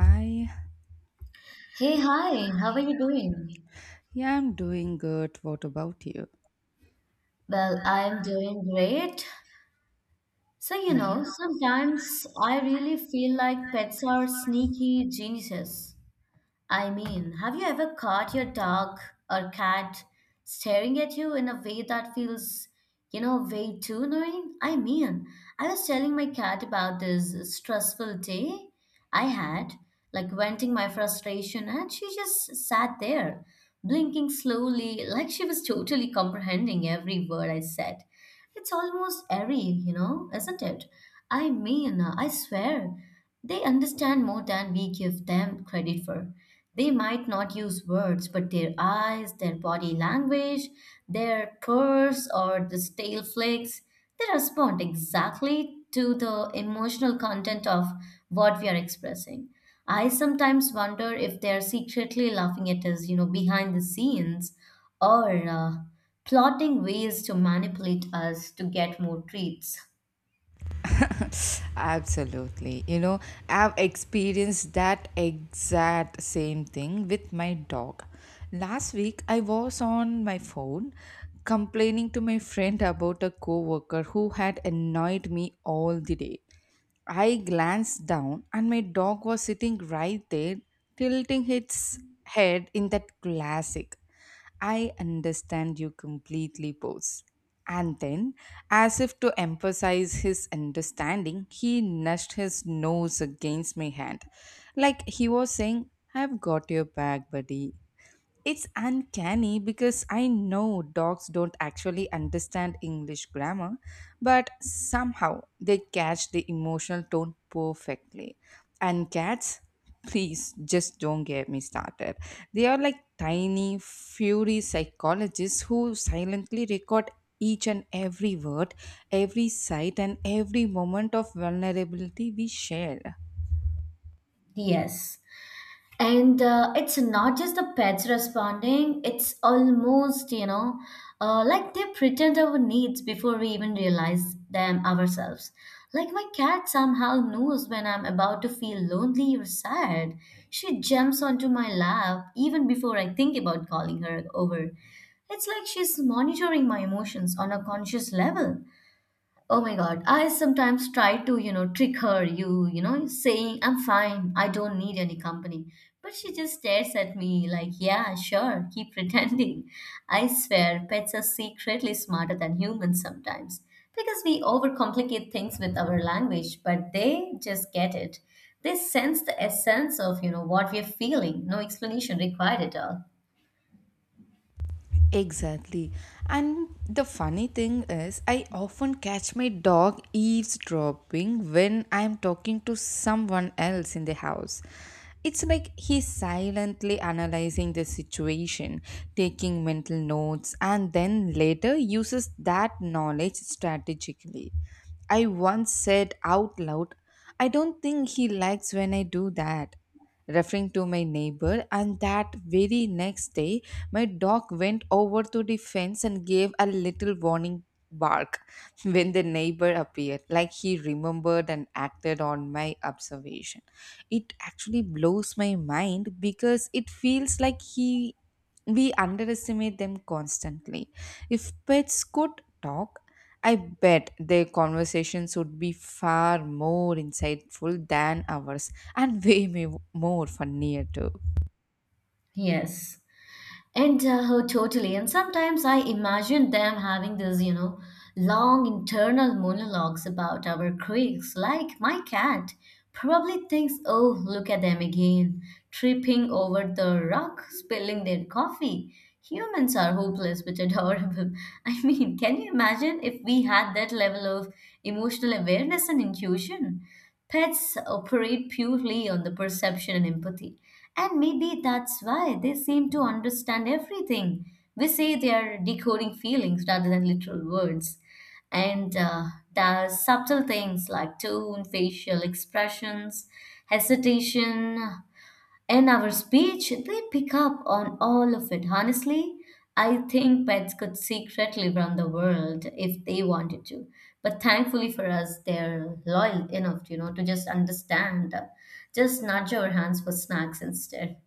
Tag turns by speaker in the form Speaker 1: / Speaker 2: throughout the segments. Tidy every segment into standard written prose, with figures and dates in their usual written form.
Speaker 1: I
Speaker 2: Hey, hi, how are you doing?
Speaker 1: yeah, I'm doing good. What about you?
Speaker 2: Well, I'm doing great. So, you know, sometimes I really feel like pets are sneaky geniuses. I mean, have you ever caught your dog or cat staring at you in a way that feels, you know, way too annoying? I mean, I was telling my cat about this stressful day I had, like venting my frustration, and she just sat there, blinking slowly, like she was totally comprehending every word I said. It's almost airy, you know, isn't it? I mean, I swear, they understand more than we give them credit for. They might not use words, but their eyes, their body language, their purrs or the tail flicks, they respond exactly to the emotional content of what we are expressing. I sometimes wonder if they're secretly laughing at us, you know, behind the scenes, or plotting ways to manipulate us to get more treats.
Speaker 1: Absolutely. You know, I've experienced that exact same thing with my dog. Last week, I was on my phone complaining to my friend about a coworker who had annoyed me all the day. I glanced down, and my dog was sitting right there, tilting its head in that classic "I understand you completely" pose. And then, as if to emphasize his understanding, he nudged his nose against my hand, like he was saying, "I've got your back, buddy." It's uncanny because I know dogs don't actually understand English grammar, but somehow they catch the emotional tone perfectly. And cats, please just don't get me started. They are like tiny, fury psychologists who silently record each and every word, every sight, and every moment of vulnerability we share.
Speaker 2: Yes. And it's not just the pets responding, it's almost, you know, like they pretend our needs before we even realize them ourselves. Like my cat somehow knows when I'm about to feel lonely or sad. She jumps onto my lap even before I think about calling her over. It's like she's monitoring my emotions on a conscious level. Oh my God. I sometimes try to, you know, trick her, you know, saying, I'm fine, I don't need any company. But she just stares at me like, yeah, sure, keep pretending. I swear, pets are secretly smarter than humans sometimes because we overcomplicate things with our language, but they just get it. They sense the essence of, you know, what we're feeling. No explanation required at all.
Speaker 1: Exactly. And the funny thing is, I often catch my dog eavesdropping when I'm talking to someone else in the house. It's like he's silently analyzing the situation, taking mental notes, and then later uses that knowledge strategically. I once said out loud, "I don't think he likes when I do that," referring to my neighbor, and that very next day my dog went over to the fence and gave a little warning bark when the neighbor appeared, like he remembered and acted on my observation. It actually blows my mind because it feels like he we underestimate them constantly. If pets could talk, I bet their conversations would be far more insightful than ours, and more funnier too.
Speaker 2: Yes. And oh, totally. And sometimes I imagine them having this, you know, long internal monologues about our quirks. Like my cat probably thinks, oh, look at them again, tripping over the rock, spilling their coffee. Humans are hopeless but adorable. I mean, can you imagine if we had that level of emotional awareness and intuition? Pets operate purely on the perception and empathy, and maybe that's why they seem to understand everything. We say they are decoding feelings rather than literal words. And the subtle things like tone, facial expressions, hesitation, in our speech, they pick up on all of it. Honestly, I think pets could secretly run the world if they wanted to. But thankfully for us, they're loyal enough, you know, to just understand. Just nudge our hands for snacks instead.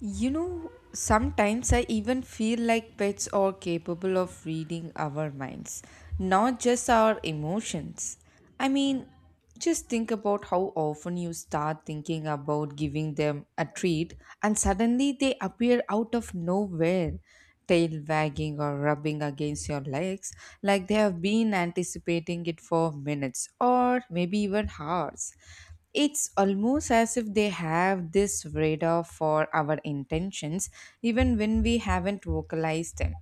Speaker 1: You know, sometimes I even feel like pets are capable of reading our minds, not just our emotions. I mean, just think about how often you start thinking about giving them a treat and suddenly they appear out of nowhere, tail wagging or rubbing against your legs, like they have been anticipating it for minutes or maybe even hours. It's almost as if they have this radar for our intentions, even when we haven't vocalized them.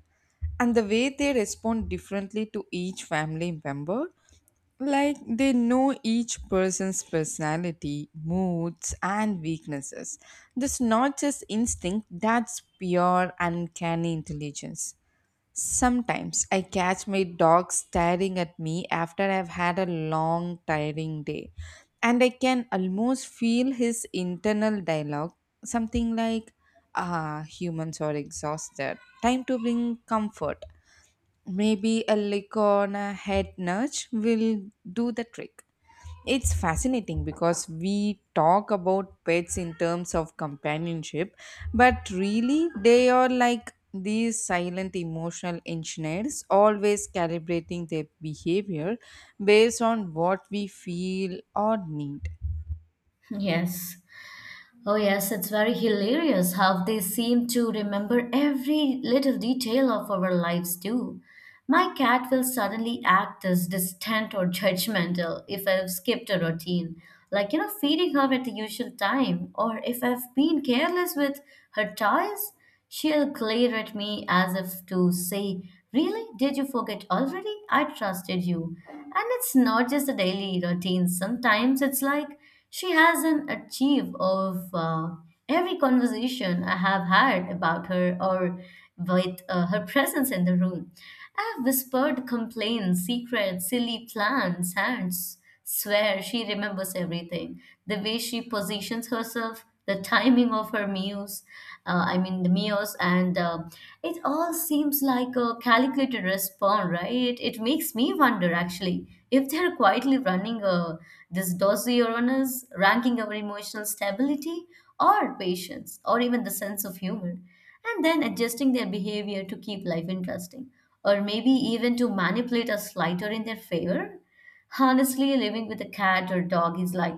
Speaker 1: And the way they respond differently to each family member, like they know each person's personality, moods, and weaknesses. This not just instinct, that's pure uncanny intelligence. Sometimes I catch my dog staring at me after I've had a long, tiring day, and I can almost feel his internal dialogue, something like, "Ah, humans are exhausted. Time to bring comfort. Maybe a lick on a head nudge will do the trick." It's fascinating because we talk about pets in terms of companionship, but really they are like these silent emotional engineers, always calibrating their behavior based on what we feel or need.
Speaker 2: Yes. Oh, yes, it's very hilarious how they seem to remember every little detail of our lives, too. My cat will suddenly act as distant or judgmental if I've skipped a routine, like, you know, feeding her at the usual time, or if I've been careless with her toys, she'll glare at me as if to say, really? Did you forget already? I trusted you. And it's not just the daily routine, sometimes it's like, she has an achieve of every conversation I have had about her or with her presence in the room. I have whispered complaints, secrets, silly plans, and swear she remembers everything. The way she positions herself, the timing of her meals, I mean the meals, and it all seems like a calculated response, right? It makes me wonder actually if they're quietly running a this dossier on us, ranking our emotional stability or patience or even the sense of humor, and then adjusting their behavior to keep life interesting, or maybe even to manipulate us lighter in their favor. Honestly, living with a cat or dog is like,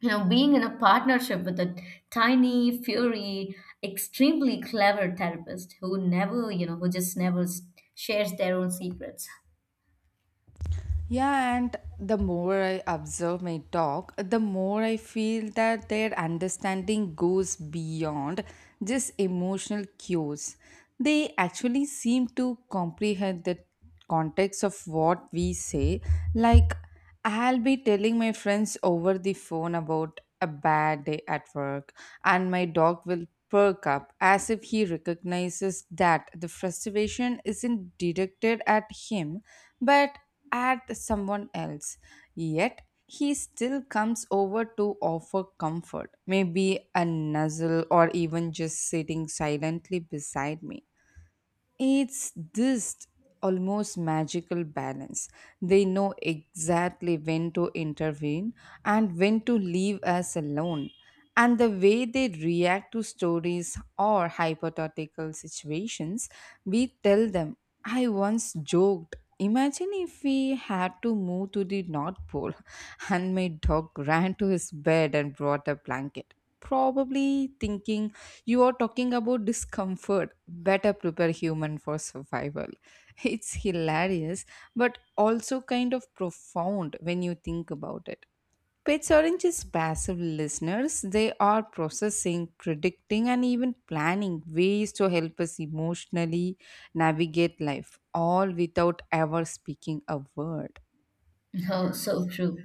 Speaker 2: you know, being in a partnership with a tiny, furry, extremely clever therapist who never, you know, who just never shares their own secrets.
Speaker 1: Yeah, and the more I observe my dog, the more I feel that their understanding goes beyond just emotional cues. They actually seem to comprehend the context of what we say. Like, I'll be telling my friends over the phone about a bad day at work, and my dog will perk up as if he recognizes that the frustration isn't directed at him but at someone else. Yet, he still comes over to offer comfort, maybe a nuzzle or even just sitting silently beside me. It's this almost magical balance. They know exactly when to intervene and when to leave us alone. And the way they react to stories or hypothetical situations we tell them. I once joked, "Imagine if we had to move to the North Pole," and my dog ran to his bed and brought a blanket. Probably thinking, "You are talking about discomfort, better prepare human for survival." It's hilarious, but also kind of profound when you think about it. Pets aren't just passive listeners, they are processing, predicting, and even planning ways to help us emotionally navigate life, all without ever speaking a word.
Speaker 2: Oh, so true.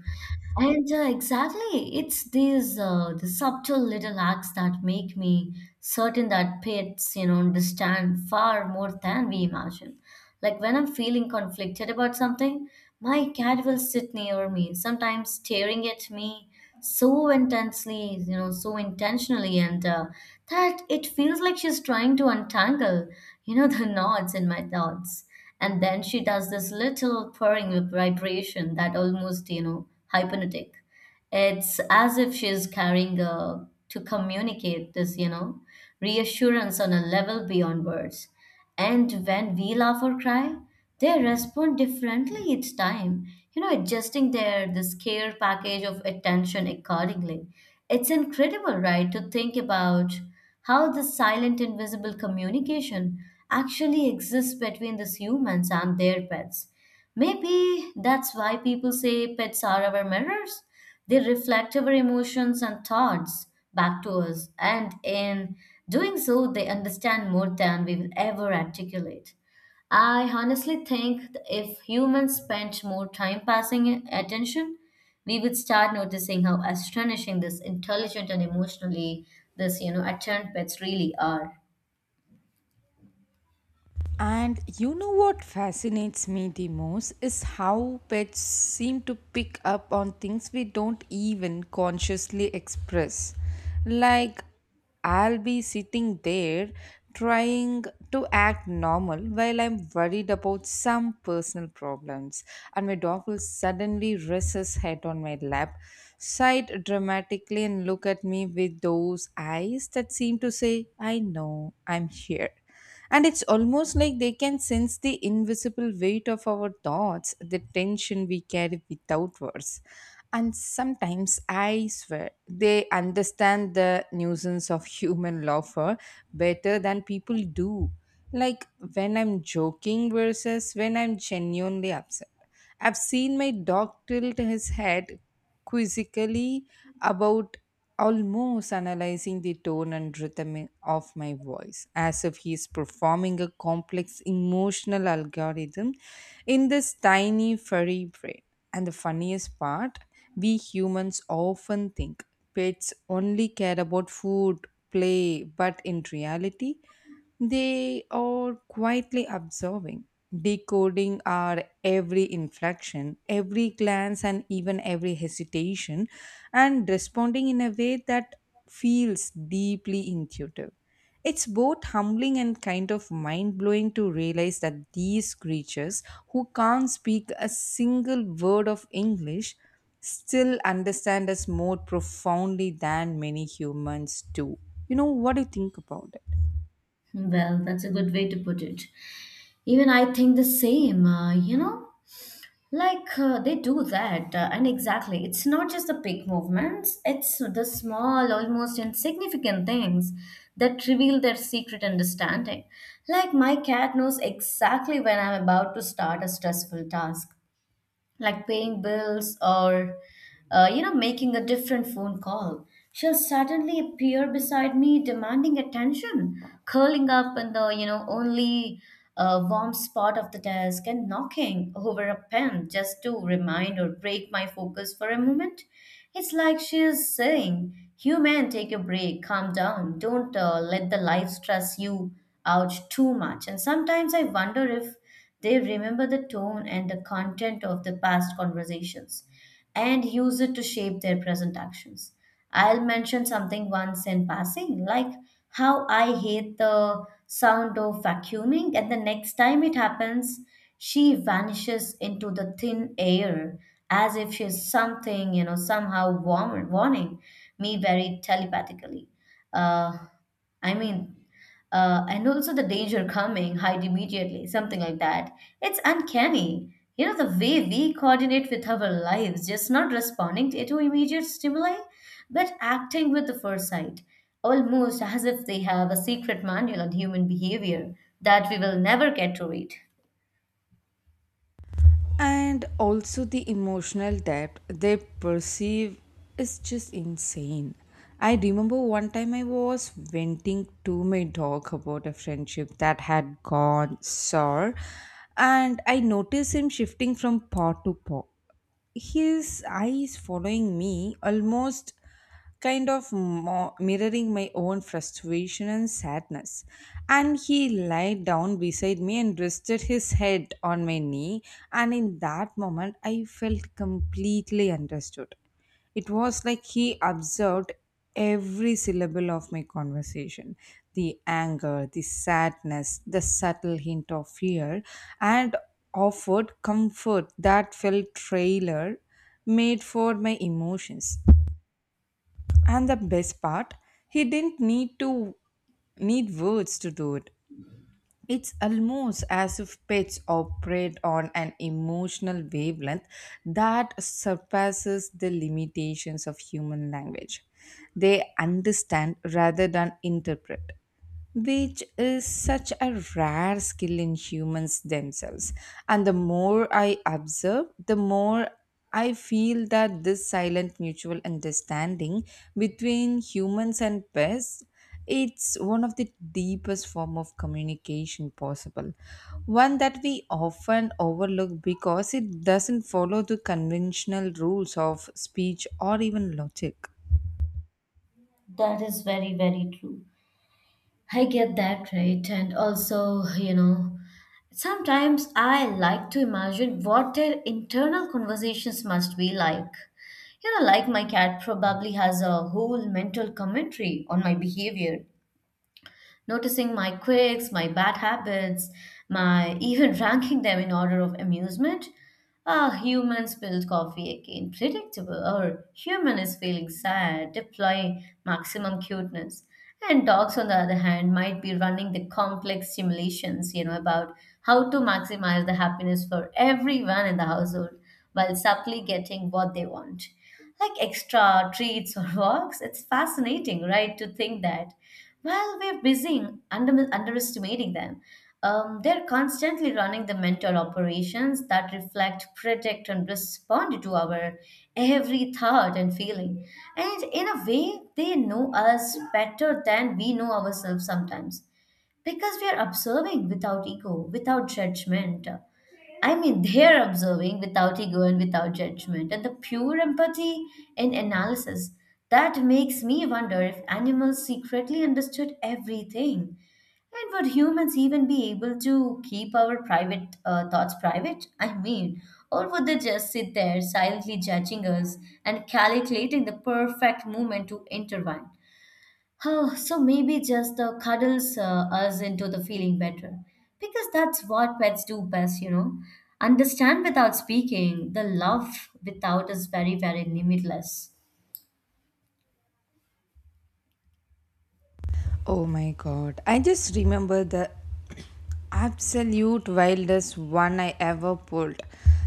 Speaker 2: And exactly, it's these the subtle little acts that make me certain that pets, you know, understand far more than we imagine. Like when I'm feeling conflicted about something, my cat will sit near me, sometimes staring at me so intensely, you know, so intentionally, and that it feels like she's trying to untangle, you know, the knots in my thoughts, and then she does this little purring vibration that almost, you know, hypnotic. It's as if she's carrying a, to communicate this, you know, reassurance on a level beyond words. And when we laugh or cry, they respond differently each time, you know, adjusting their this care package of attention accordingly. It's incredible, right, to think about how the silent invisible communication actually exists between these humans and their pets. Maybe that's why people say pets are our mirrors. They reflect our emotions and thoughts back to us, and in doing so, they understand more than we will ever articulate. I honestly think, if humans spent more time passing attention, we would start noticing how astonishing this intelligent and emotionally, this, you know, attuned pets really are.
Speaker 1: And you know what fascinates me the most is how pets seem to pick up on things we don't even consciously express. Like, I'll be sitting there trying to act normal while I'm worried about some personal problems, and my dog will suddenly rest his head on my lap, sigh dramatically, and look at me with those eyes that seem to say, "I know, I'm here." And it's almost like they can sense the invisible weight of our thoughts, the tension we carry without words. And sometimes I swear they understand the nuisance of human laughter better than people do. Like when I'm joking versus when I'm genuinely upset. I've seen my dog tilt his head quizzically, about almost analyzing the tone and rhythm of my voice, as if he is performing a complex emotional algorithm in this tiny furry brain. And the funniest part, we humans often think pets only care about food, play, but in reality, they are quietly observing, decoding our every inflection, every glance, and even every hesitation, and responding in a way that feels deeply intuitive. It's both humbling and kind of mind blowing to realize that these creatures, who can't speak a single word of English, still understand us more profoundly than many humans do. You know, what do you think about it?
Speaker 2: Well, that's a good way to put it. Even I think the same. You know, like they do that, and exactly, it's not just the big movements, it's the small, almost insignificant things that reveal their secret understanding. Like, my cat knows exactly when I'm about to start a stressful task, like paying bills or you know, making a different phone call. She'll suddenly appear beside me, demanding attention, curling up in the, you know, only warm spot of the desk and knocking over a pen just to remind or break my focus for a moment. It's like she is saying, human, take a break, calm down, don't let the life stress you out too much. And sometimes I wonder if they remember the tone and the content of the past conversations and use it to shape their present actions. I'll mention something once in passing, like how I hate the sound of vacuuming, and the next time it happens, she vanishes into the thin air as if she's something, you know, somehow warm, warning me very telepathically. Uh, I mean, and also the danger coming, hide immediately, something like that. It's uncanny. You know, the way we coordinate with our lives, just not responding to immediate stimuli, but acting with the foresight, almost as if they have a secret manual on human behavior that we will never get to read.
Speaker 1: And also, the emotional depth they perceive is just insane. I remember one time I was venting to my dog about a friendship that had gone sour, and I noticed him shifting from paw to paw, his eyes following me, almost mirroring my own frustration and sadness. And he lied down beside me and rested his head on my knee. And in that moment, I felt completely understood. It was like he observed every syllable of my conversation, the anger, the sadness, the subtle hint of fear, and offered comfort that felt trailer made for my emotions. And the best part, he didn't need words to do it. It's almost as if pets operate on an emotional wavelength that surpasses the limitations of human language. They understand rather than interpret, which is such a rare skill in humans themselves. And the more I observe, the more I feel that this silent mutual understanding between humans and pets, it's one of the deepest form of communication possible, one that we often overlook because it doesn't follow the conventional rules of speech or even logic.
Speaker 2: That is very, very true. I get that, right? And also, you know, sometimes I like to imagine what their internal conversations must be like. You know, like my cat probably has a whole mental commentary on my behavior, noticing my quirks, my bad habits, my even ranking them in order of amusement. Ah, human spilled coffee again. Predictable. Or human is feeling sad, deploy maximum cuteness. And dogs, on the other hand, might be running the complex simulations, you know, about how to maximize the happiness for everyone in the household while subtly getting what they want, like extra treats or walks. It's fascinating, right, to think that while we're busy underestimating them, they're constantly running the mental operations that reflect, predict, and respond to our every thought and feeling. And in a way, they know us better than we know ourselves sometimes, because we are observing without ego, without judgment. I mean, they're observing without ego and without judgment, and the pure empathy and analysis that makes me wonder if animals secretly understood everything. And would humans even be able to keep our private thoughts private? I mean, or would they just sit there silently judging us and calculating the perfect moment to intervene? Oh, so maybe just the cuddles us into the feeling better. Because that's what pets do best, you know. Understand without speaking, the love without is very, very limitless.
Speaker 1: Oh my god, I just remember the absolute wildest one I ever pulled.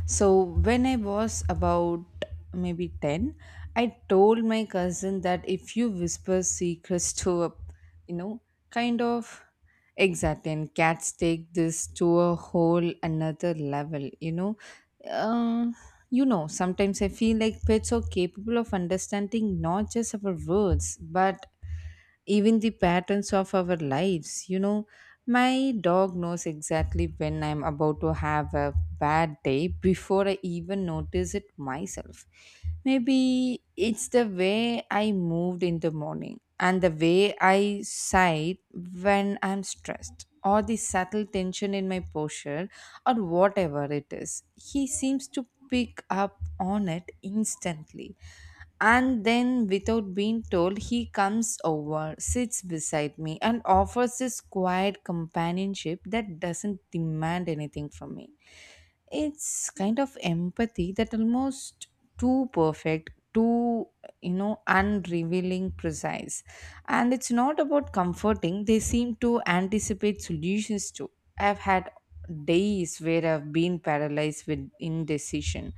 Speaker 1: So, when I was about maybe 10, I told my cousin that if you whisper secrets to a, you know, kind of exactly, and cats take this to a whole another level, you know. Uh, sometimes I feel like pets are capable of understanding not just our words, but even the patterns of our lives. You know, my dog knows exactly when I'm about to have a bad day before I even notice it myself. Maybe it's the way I moved in the morning and the way I sighed when I'm stressed. Or the subtle tension in my posture, or whatever it is. He seems to pick up on it instantly, and then, without being told, he comes over, sits beside me, and offers this quiet companionship that doesn't demand anything from me. It's kind of empathy that almost too perfect, too, you know, unrevealing precise. And it's not about comforting, they seem to anticipate solutions too. I've had days where I've been paralyzed with indecision,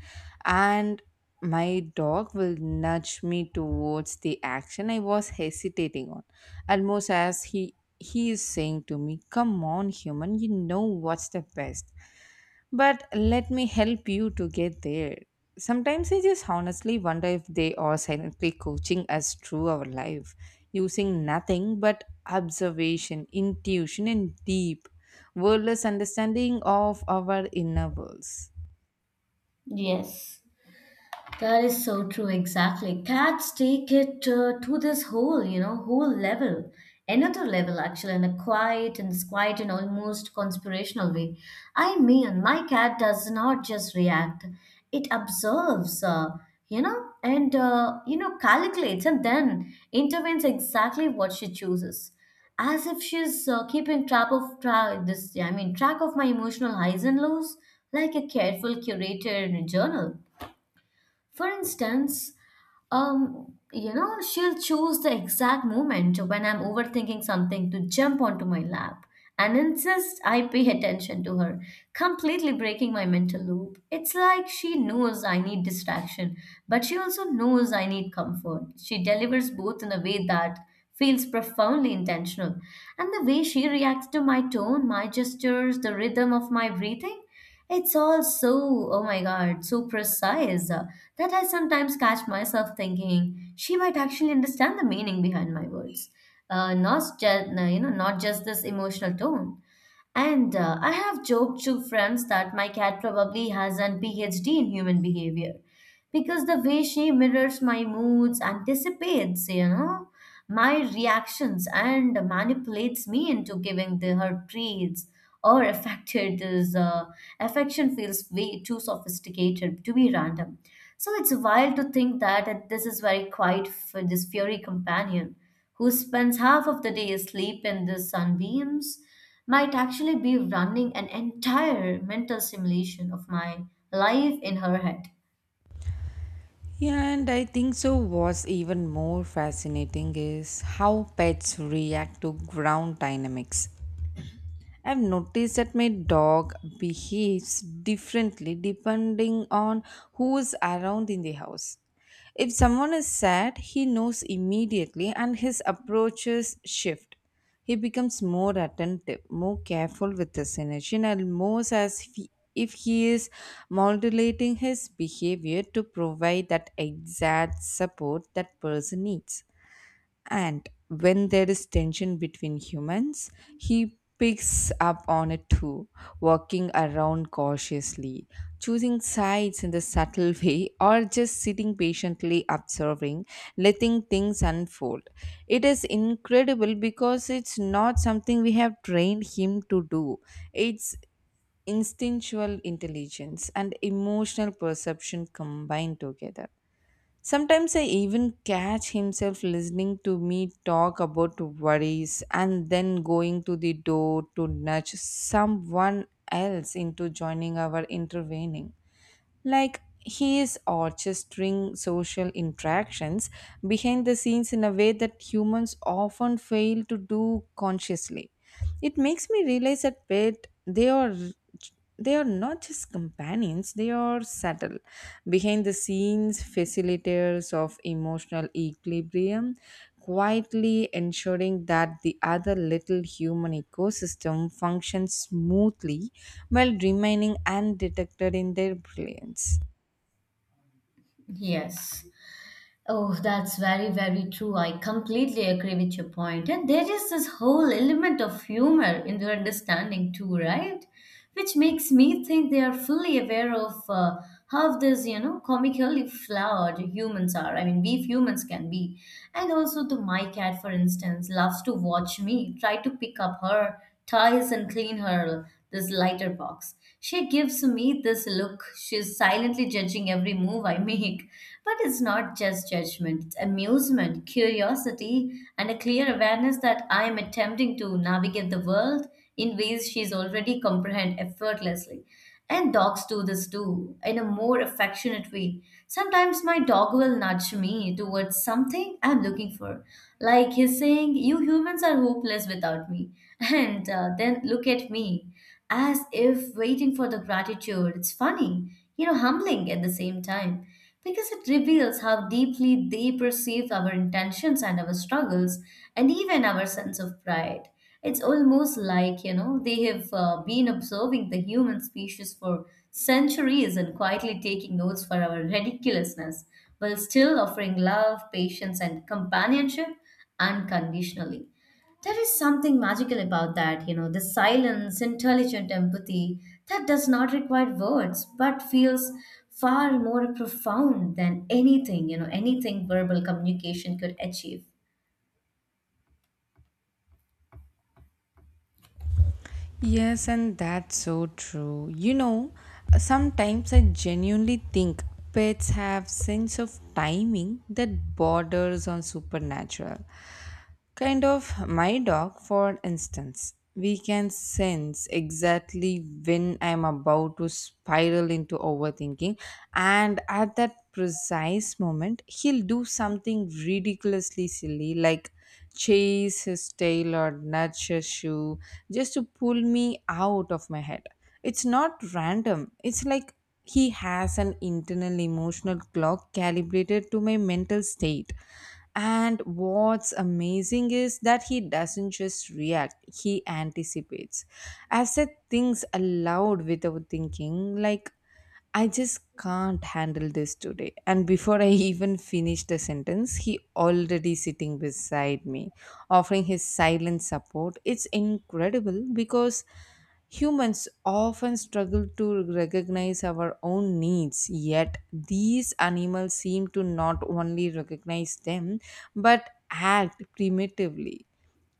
Speaker 1: and my dog will nudge me towards the action I was hesitating on, almost as he is saying to me, "Come on human, you know what's the best, but let me help you to get there." Sometimes I just honestly wonder if they are silently coaching us through our life, using nothing but observation, intuition, and deep, wordless understanding of our inner worlds.
Speaker 2: Yes. That is so true, exactly. Cats take it to this whole, you know, whole level, another level actually, in a quiet and this quiet and almost conspirational way. I mean, my cat does not just react; it observes, you know, and you know, calculates and then intervenes exactly what she chooses, as if she's keeping track of this. I mean, track of my emotional highs and lows, like a careful curator in a journal. For instance, you know, she'll choose the exact moment when I'm overthinking something to jump onto my lap and insist I pay attention to her, completely breaking my mental loop. It's like she knows I need distraction, but she also knows I need comfort. She delivers both in a way that feels profoundly intentional. And the way she reacts to my tone, my gestures, the rhythm of my breathing. It's all so, oh my God, so precise, that I sometimes catch myself thinking she might actually understand the meaning behind my words, not just, you know, not just this emotional tone. And I have joked to friends that my cat probably has an PhD in human behavior because the way she mirrors my moods anticipates, my reactions and manipulates me into giving her treats or affected is affection feels way too sophisticated to be random. So it's wild to think that this is very quiet for this furry companion who spends half of the day asleep in the sunbeams might actually be running an entire mental simulation of my life in her head.
Speaker 1: Yeah, and I think so. What's even more fascinating is how pets react to ground dynamics. I've noticed that my dog behaves differently depending on who's around in the house. If someone is sad, he knows immediately and his approaches shift. He becomes more attentive, more careful with his energy, and most as if he is modulating his behavior to provide that exact support that person needs. And when there is tension between humans, he picks up on it too, walking around cautiously, choosing sides in the subtle way, or just sitting patiently observing, letting things unfold. It is incredible because it's not something we have trained him to do. It's instinctual intelligence and emotional perception combined together. Sometimes I even catch himself listening to me talk about worries and then going to the door to nudge someone else into joining our intervening. Like he is orchestrating social interactions behind the scenes in a way that humans often fail to do consciously. It makes me realize that pet they are not just companions, they are subtle, behind the scenes facilitators of emotional equilibrium, quietly ensuring that the other little human ecosystem functions smoothly while remaining undetected in their brilliance.
Speaker 2: Yes. Oh, that's very, very true. I completely agree with your point. And there is this whole element of humor in their understanding too, right? Which makes me think they are fully aware of how this, you know, comically flawed humans are. I mean, we humans can be. And also the my cat, for instance, loves to watch me try to pick up her toys and clean her this lighter box. She gives me this look. She's silently judging every move I make. But it's not just judgment, it's amusement, curiosity, and a clear awareness that I'm attempting to navigate the world in ways she's already comprehend effortlessly. And dogs do this too, in a more affectionate way. Sometimes my dog will nudge me towards something I'm looking for. Like he's saying, "You humans are hopeless without me." And then look at me, as if waiting for the gratitude. It's funny, you know, humbling at the same time because it reveals how deeply they perceive our intentions and our struggles and even our sense of pride. It's almost like, you know, they have been observing the human species for centuries and quietly taking notes for our ridiculousness while still offering love, patience, and companionship unconditionally. There is something magical about that, you know, the silence, intelligent empathy that does not require words but feels far more profound than anything, anything verbal communication could achieve.
Speaker 1: Yes, and that's so true. You know, sometimes I genuinely think pets have sense of timing that borders on supernatural. Kind of my dog, for instance. We can sense exactly when I'm about to spiral into overthinking, and at that precise moment, he'll do something ridiculously silly like chase his tail or nudge his shoe just to pull me out of my head. It's not random, it's like he has an internal emotional clock calibrated to my mental state, and what's amazing is that he doesn't just react, he anticipates. I said things aloud without thinking, like, I just can't handle this today. And before I even finish the sentence, he already sitting beside me, offering his silent support. It's incredible because humans often struggle to recognize our own needs, yet these animals seem to not only recognize them but act primitively.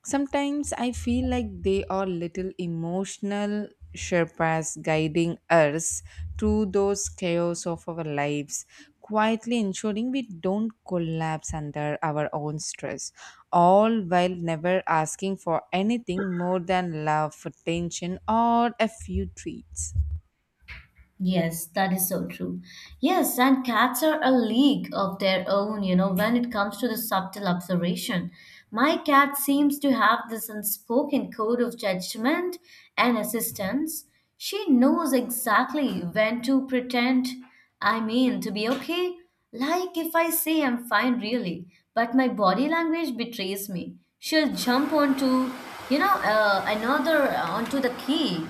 Speaker 1: Sometimes I feel like they are little emotional Sherpas guiding us through those chaos of our lives, quietly ensuring we don't collapse under our own stress, all while never asking for anything more than love, attention, or a few treats.
Speaker 2: Yes, that is so true. Yes, and cats are a league of their own, you know, when it comes to the subtle observation. My cat seems to have this unspoken code of judgment and assistance. She knows exactly when to pretend, I mean, to be okay. Like if I say I'm fine, really, but my body language betrays me. She'll jump onto, you know, another, onto the key,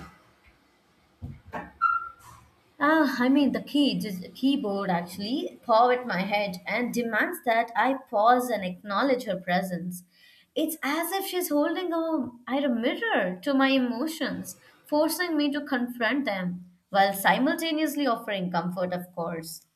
Speaker 2: ah, I mean, the key, just keyboard actually, paw at my head and demands that I pause and acknowledge her presence. It's as if she's holding a, at a mirror to my emotions, forcing me to confront them, while simultaneously offering comfort, of course.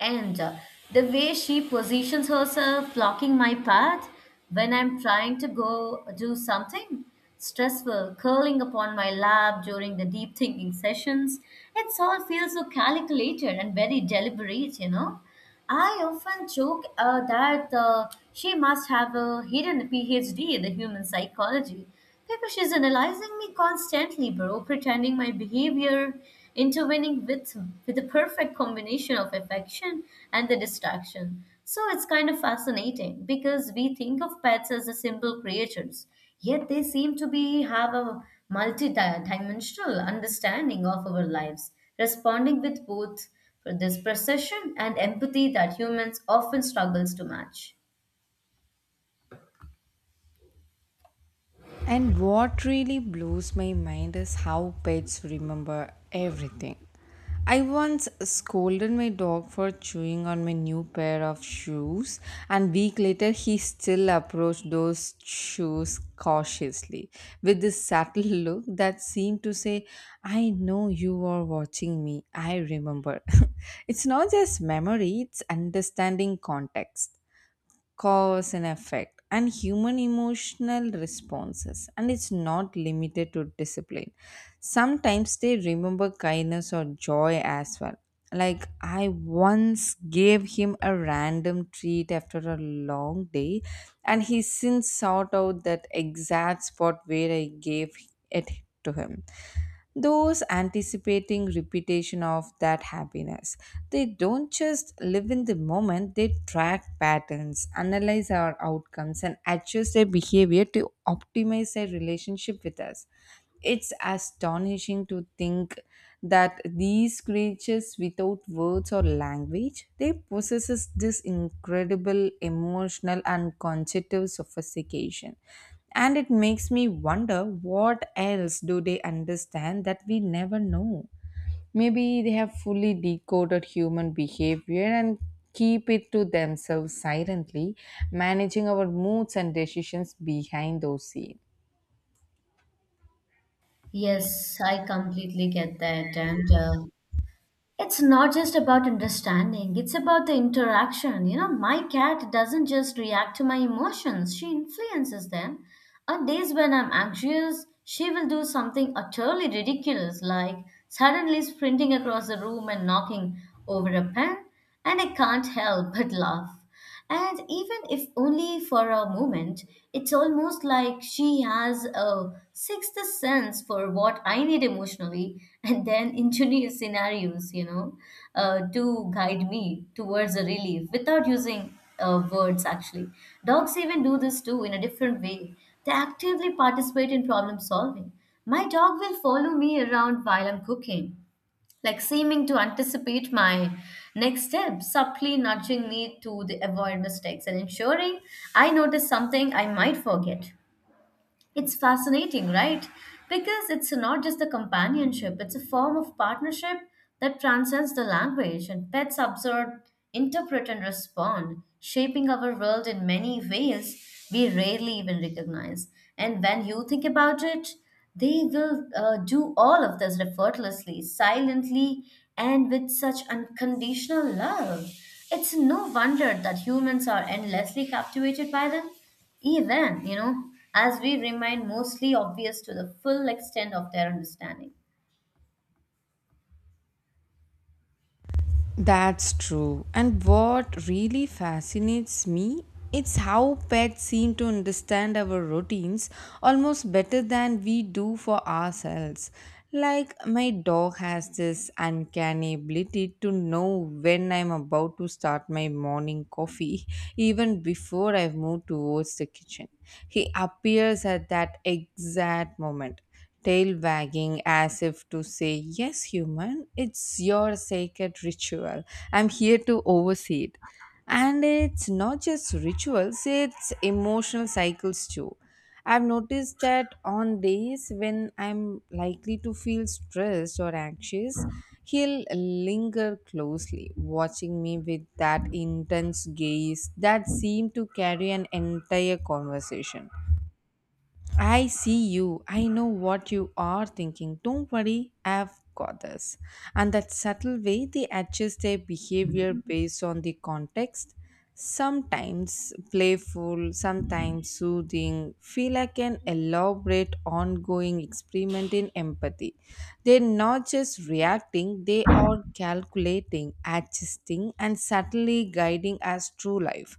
Speaker 2: And the way she positions herself, blocking my path when I'm trying to go do something stressful, curling upon my lap during the deep thinking sessions, it all feels so calculated and very deliberate, you know. I often joke that she must have a hidden PhD in the human psychology because she's analyzing me constantly, bro, pretending my behavior, intervening with the perfect combination of affection and the distraction. So it's kind of fascinating because we think of pets as the simple creatures, yet they seem to be have a multi-dimensional understanding of our lives, responding with both this precision and empathy that humans often struggles to match.
Speaker 1: And what really blows my mind is how pets remember everything. I once scolded my dog for chewing on my new pair of shoes, and week later he still approached those shoes cautiously with this subtle look that seemed to say, "I know you are watching me. I remember." It's not just memory; it's understanding context, cause and effect, and human emotional responses. And it's not limited to discipline. Sometimes they remember kindness or joy as well. Like I once gave him a random treat after a long day, and he since sought out that exact spot where I gave it to him, those anticipating repetition of that happiness. They don't just live in the moment, they track patterns, analyze our outcomes, and adjust their behavior to optimize their relationship with us. It's astonishing to think that these creatures without words or language, they possesses this incredible emotional and cognitive sophistication. And it makes me wonder, what else do they understand that we never know? Maybe they have fully decoded human behavior and keep it to themselves, silently managing our moods and decisions behind those scenes.
Speaker 2: Yes, I completely get that. And It's not just about understanding, it's about the interaction. You know, my cat doesn't just react to my emotions, she influences them. On days when I'm anxious, she will do something utterly ridiculous, like suddenly sprinting across the room and knocking over a pen, and I can't help but laugh. And even if only for a moment, it's almost like she has a sixth sense for what I need emotionally, and then engineers scenarios, you know, to guide me towards a relief without using words actually. Dogs even do this too in a different way. They actively participate in problem solving. My dog will follow me around while I'm cooking, like seeming to anticipate my next step, subtly nudging me to the avoid mistakes and ensuring I notice something I might forget. It's fascinating, right? Because it's not just a companionship, it's a form of partnership that transcends the language, and pets observe, interpret, and respond, shaping our world in many ways we rarely even recognize. And when you think about it, they will do all of this effortlessly, silently, and with such unconditional love. It's no wonder that humans are endlessly captivated by them, even, you know, as we remain mostly obvious to the full extent of their understanding.
Speaker 1: That's true. And what really fascinates me, it's how pets seem to understand our routines almost better than we do for ourselves. Like my dog has this uncanny ability to know when I'm about to start my morning coffee even before I've moved towards the kitchen. He appears at that exact moment, tail wagging, as if to say, "Yes, human, it's your sacred ritual. I'm here to oversee it." And it's not just rituals, it's emotional cycles too. I've noticed that on days when I'm likely to feel stressed or anxious, he'll linger closely, watching me with that intense gaze that seemed to carry an entire conversation. I see you. I know what you are thinking. Don't worry, I've got this. And that subtle way they adjust their behavior based on the context, sometimes playful, sometimes soothing, feel like an elaborate ongoing experiment in empathy. They're not just reacting, they are calculating, adjusting, and subtly guiding us through life,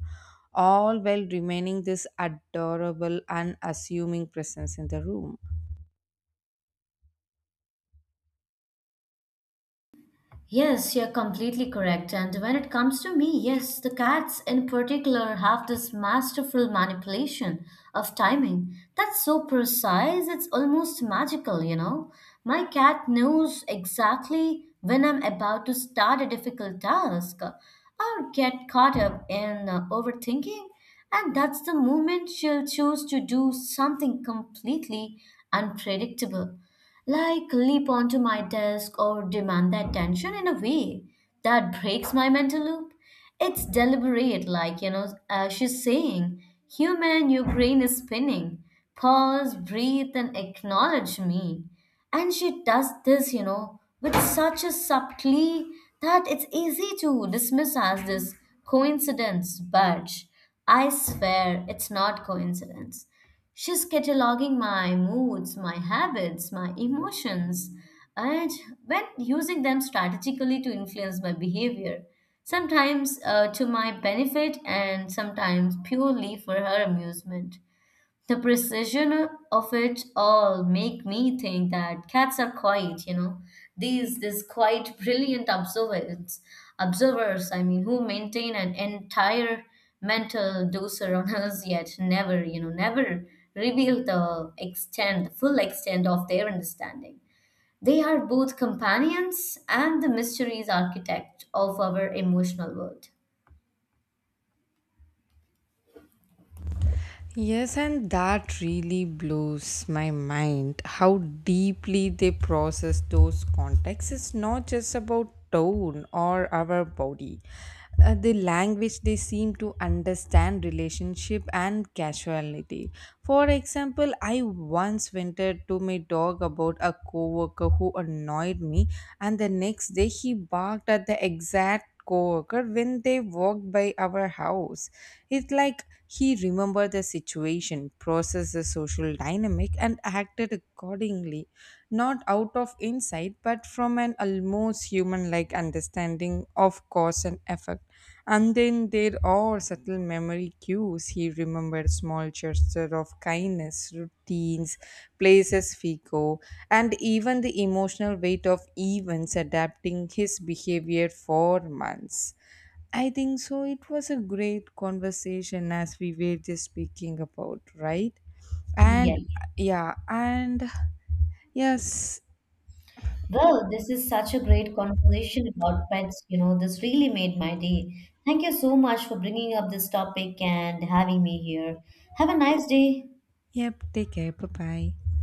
Speaker 1: all while remaining this adorable, unassuming presence in the room.
Speaker 2: Yes, you're completely correct. And when it comes to me, yes, the cats in particular have this masterful manipulation of timing that's so precise, it's almost magical, you know. My cat knows exactly when I'm about to start a difficult task or get caught up in overthinking, and that's the moment she'll choose to do something completely unpredictable, like leap onto my desk or demand the attention in a way that breaks my mental loop. It's deliberate, like, you know, she's saying, "Human, your brain is spinning. Pause, breathe, and acknowledge me." And she does this, you know, with such a subtlety that it's easy to dismiss as this coincidence, but I swear it's not coincidence. She's cataloging my moods, my habits, my emotions, and when using them strategically to influence my behavior, sometimes to my benefit and sometimes purely for her amusement. The precision of it all make me think that cats are quiet, you know. These quite brilliant observers, I mean, who maintain an entire mental doser on us, yet never, you know, never reveal the full extent of their understanding. They are both companions and the mysteries architect of our emotional world.
Speaker 1: Yes, and that really blows my mind how deeply they process those contexts. It's not just about tone or our body. The language, they seem to understand relationship and casuality. For example, I once vented to my dog about a coworker who annoyed me, and the next day he barked at the exact coworker when they walked by our house. It's like he remembered the situation, processed the social dynamic, and acted accordingly, not out of insight, but from an almost human like understanding of cause and effect. And then there are subtle memory cues. He remembered small gestures of kindness, routines, places we go, and even the emotional weight of events, adapting his behavior for months. I think so. It was a great conversation as we were just speaking about, right? And
Speaker 2: Yes.
Speaker 1: yeah, and yes,
Speaker 2: Well, this is such a great conversation about pets. You know, this really made my day. Thank you so much for bringing up this topic and having me here. Have a nice day.
Speaker 1: yep, take care. Bye bye.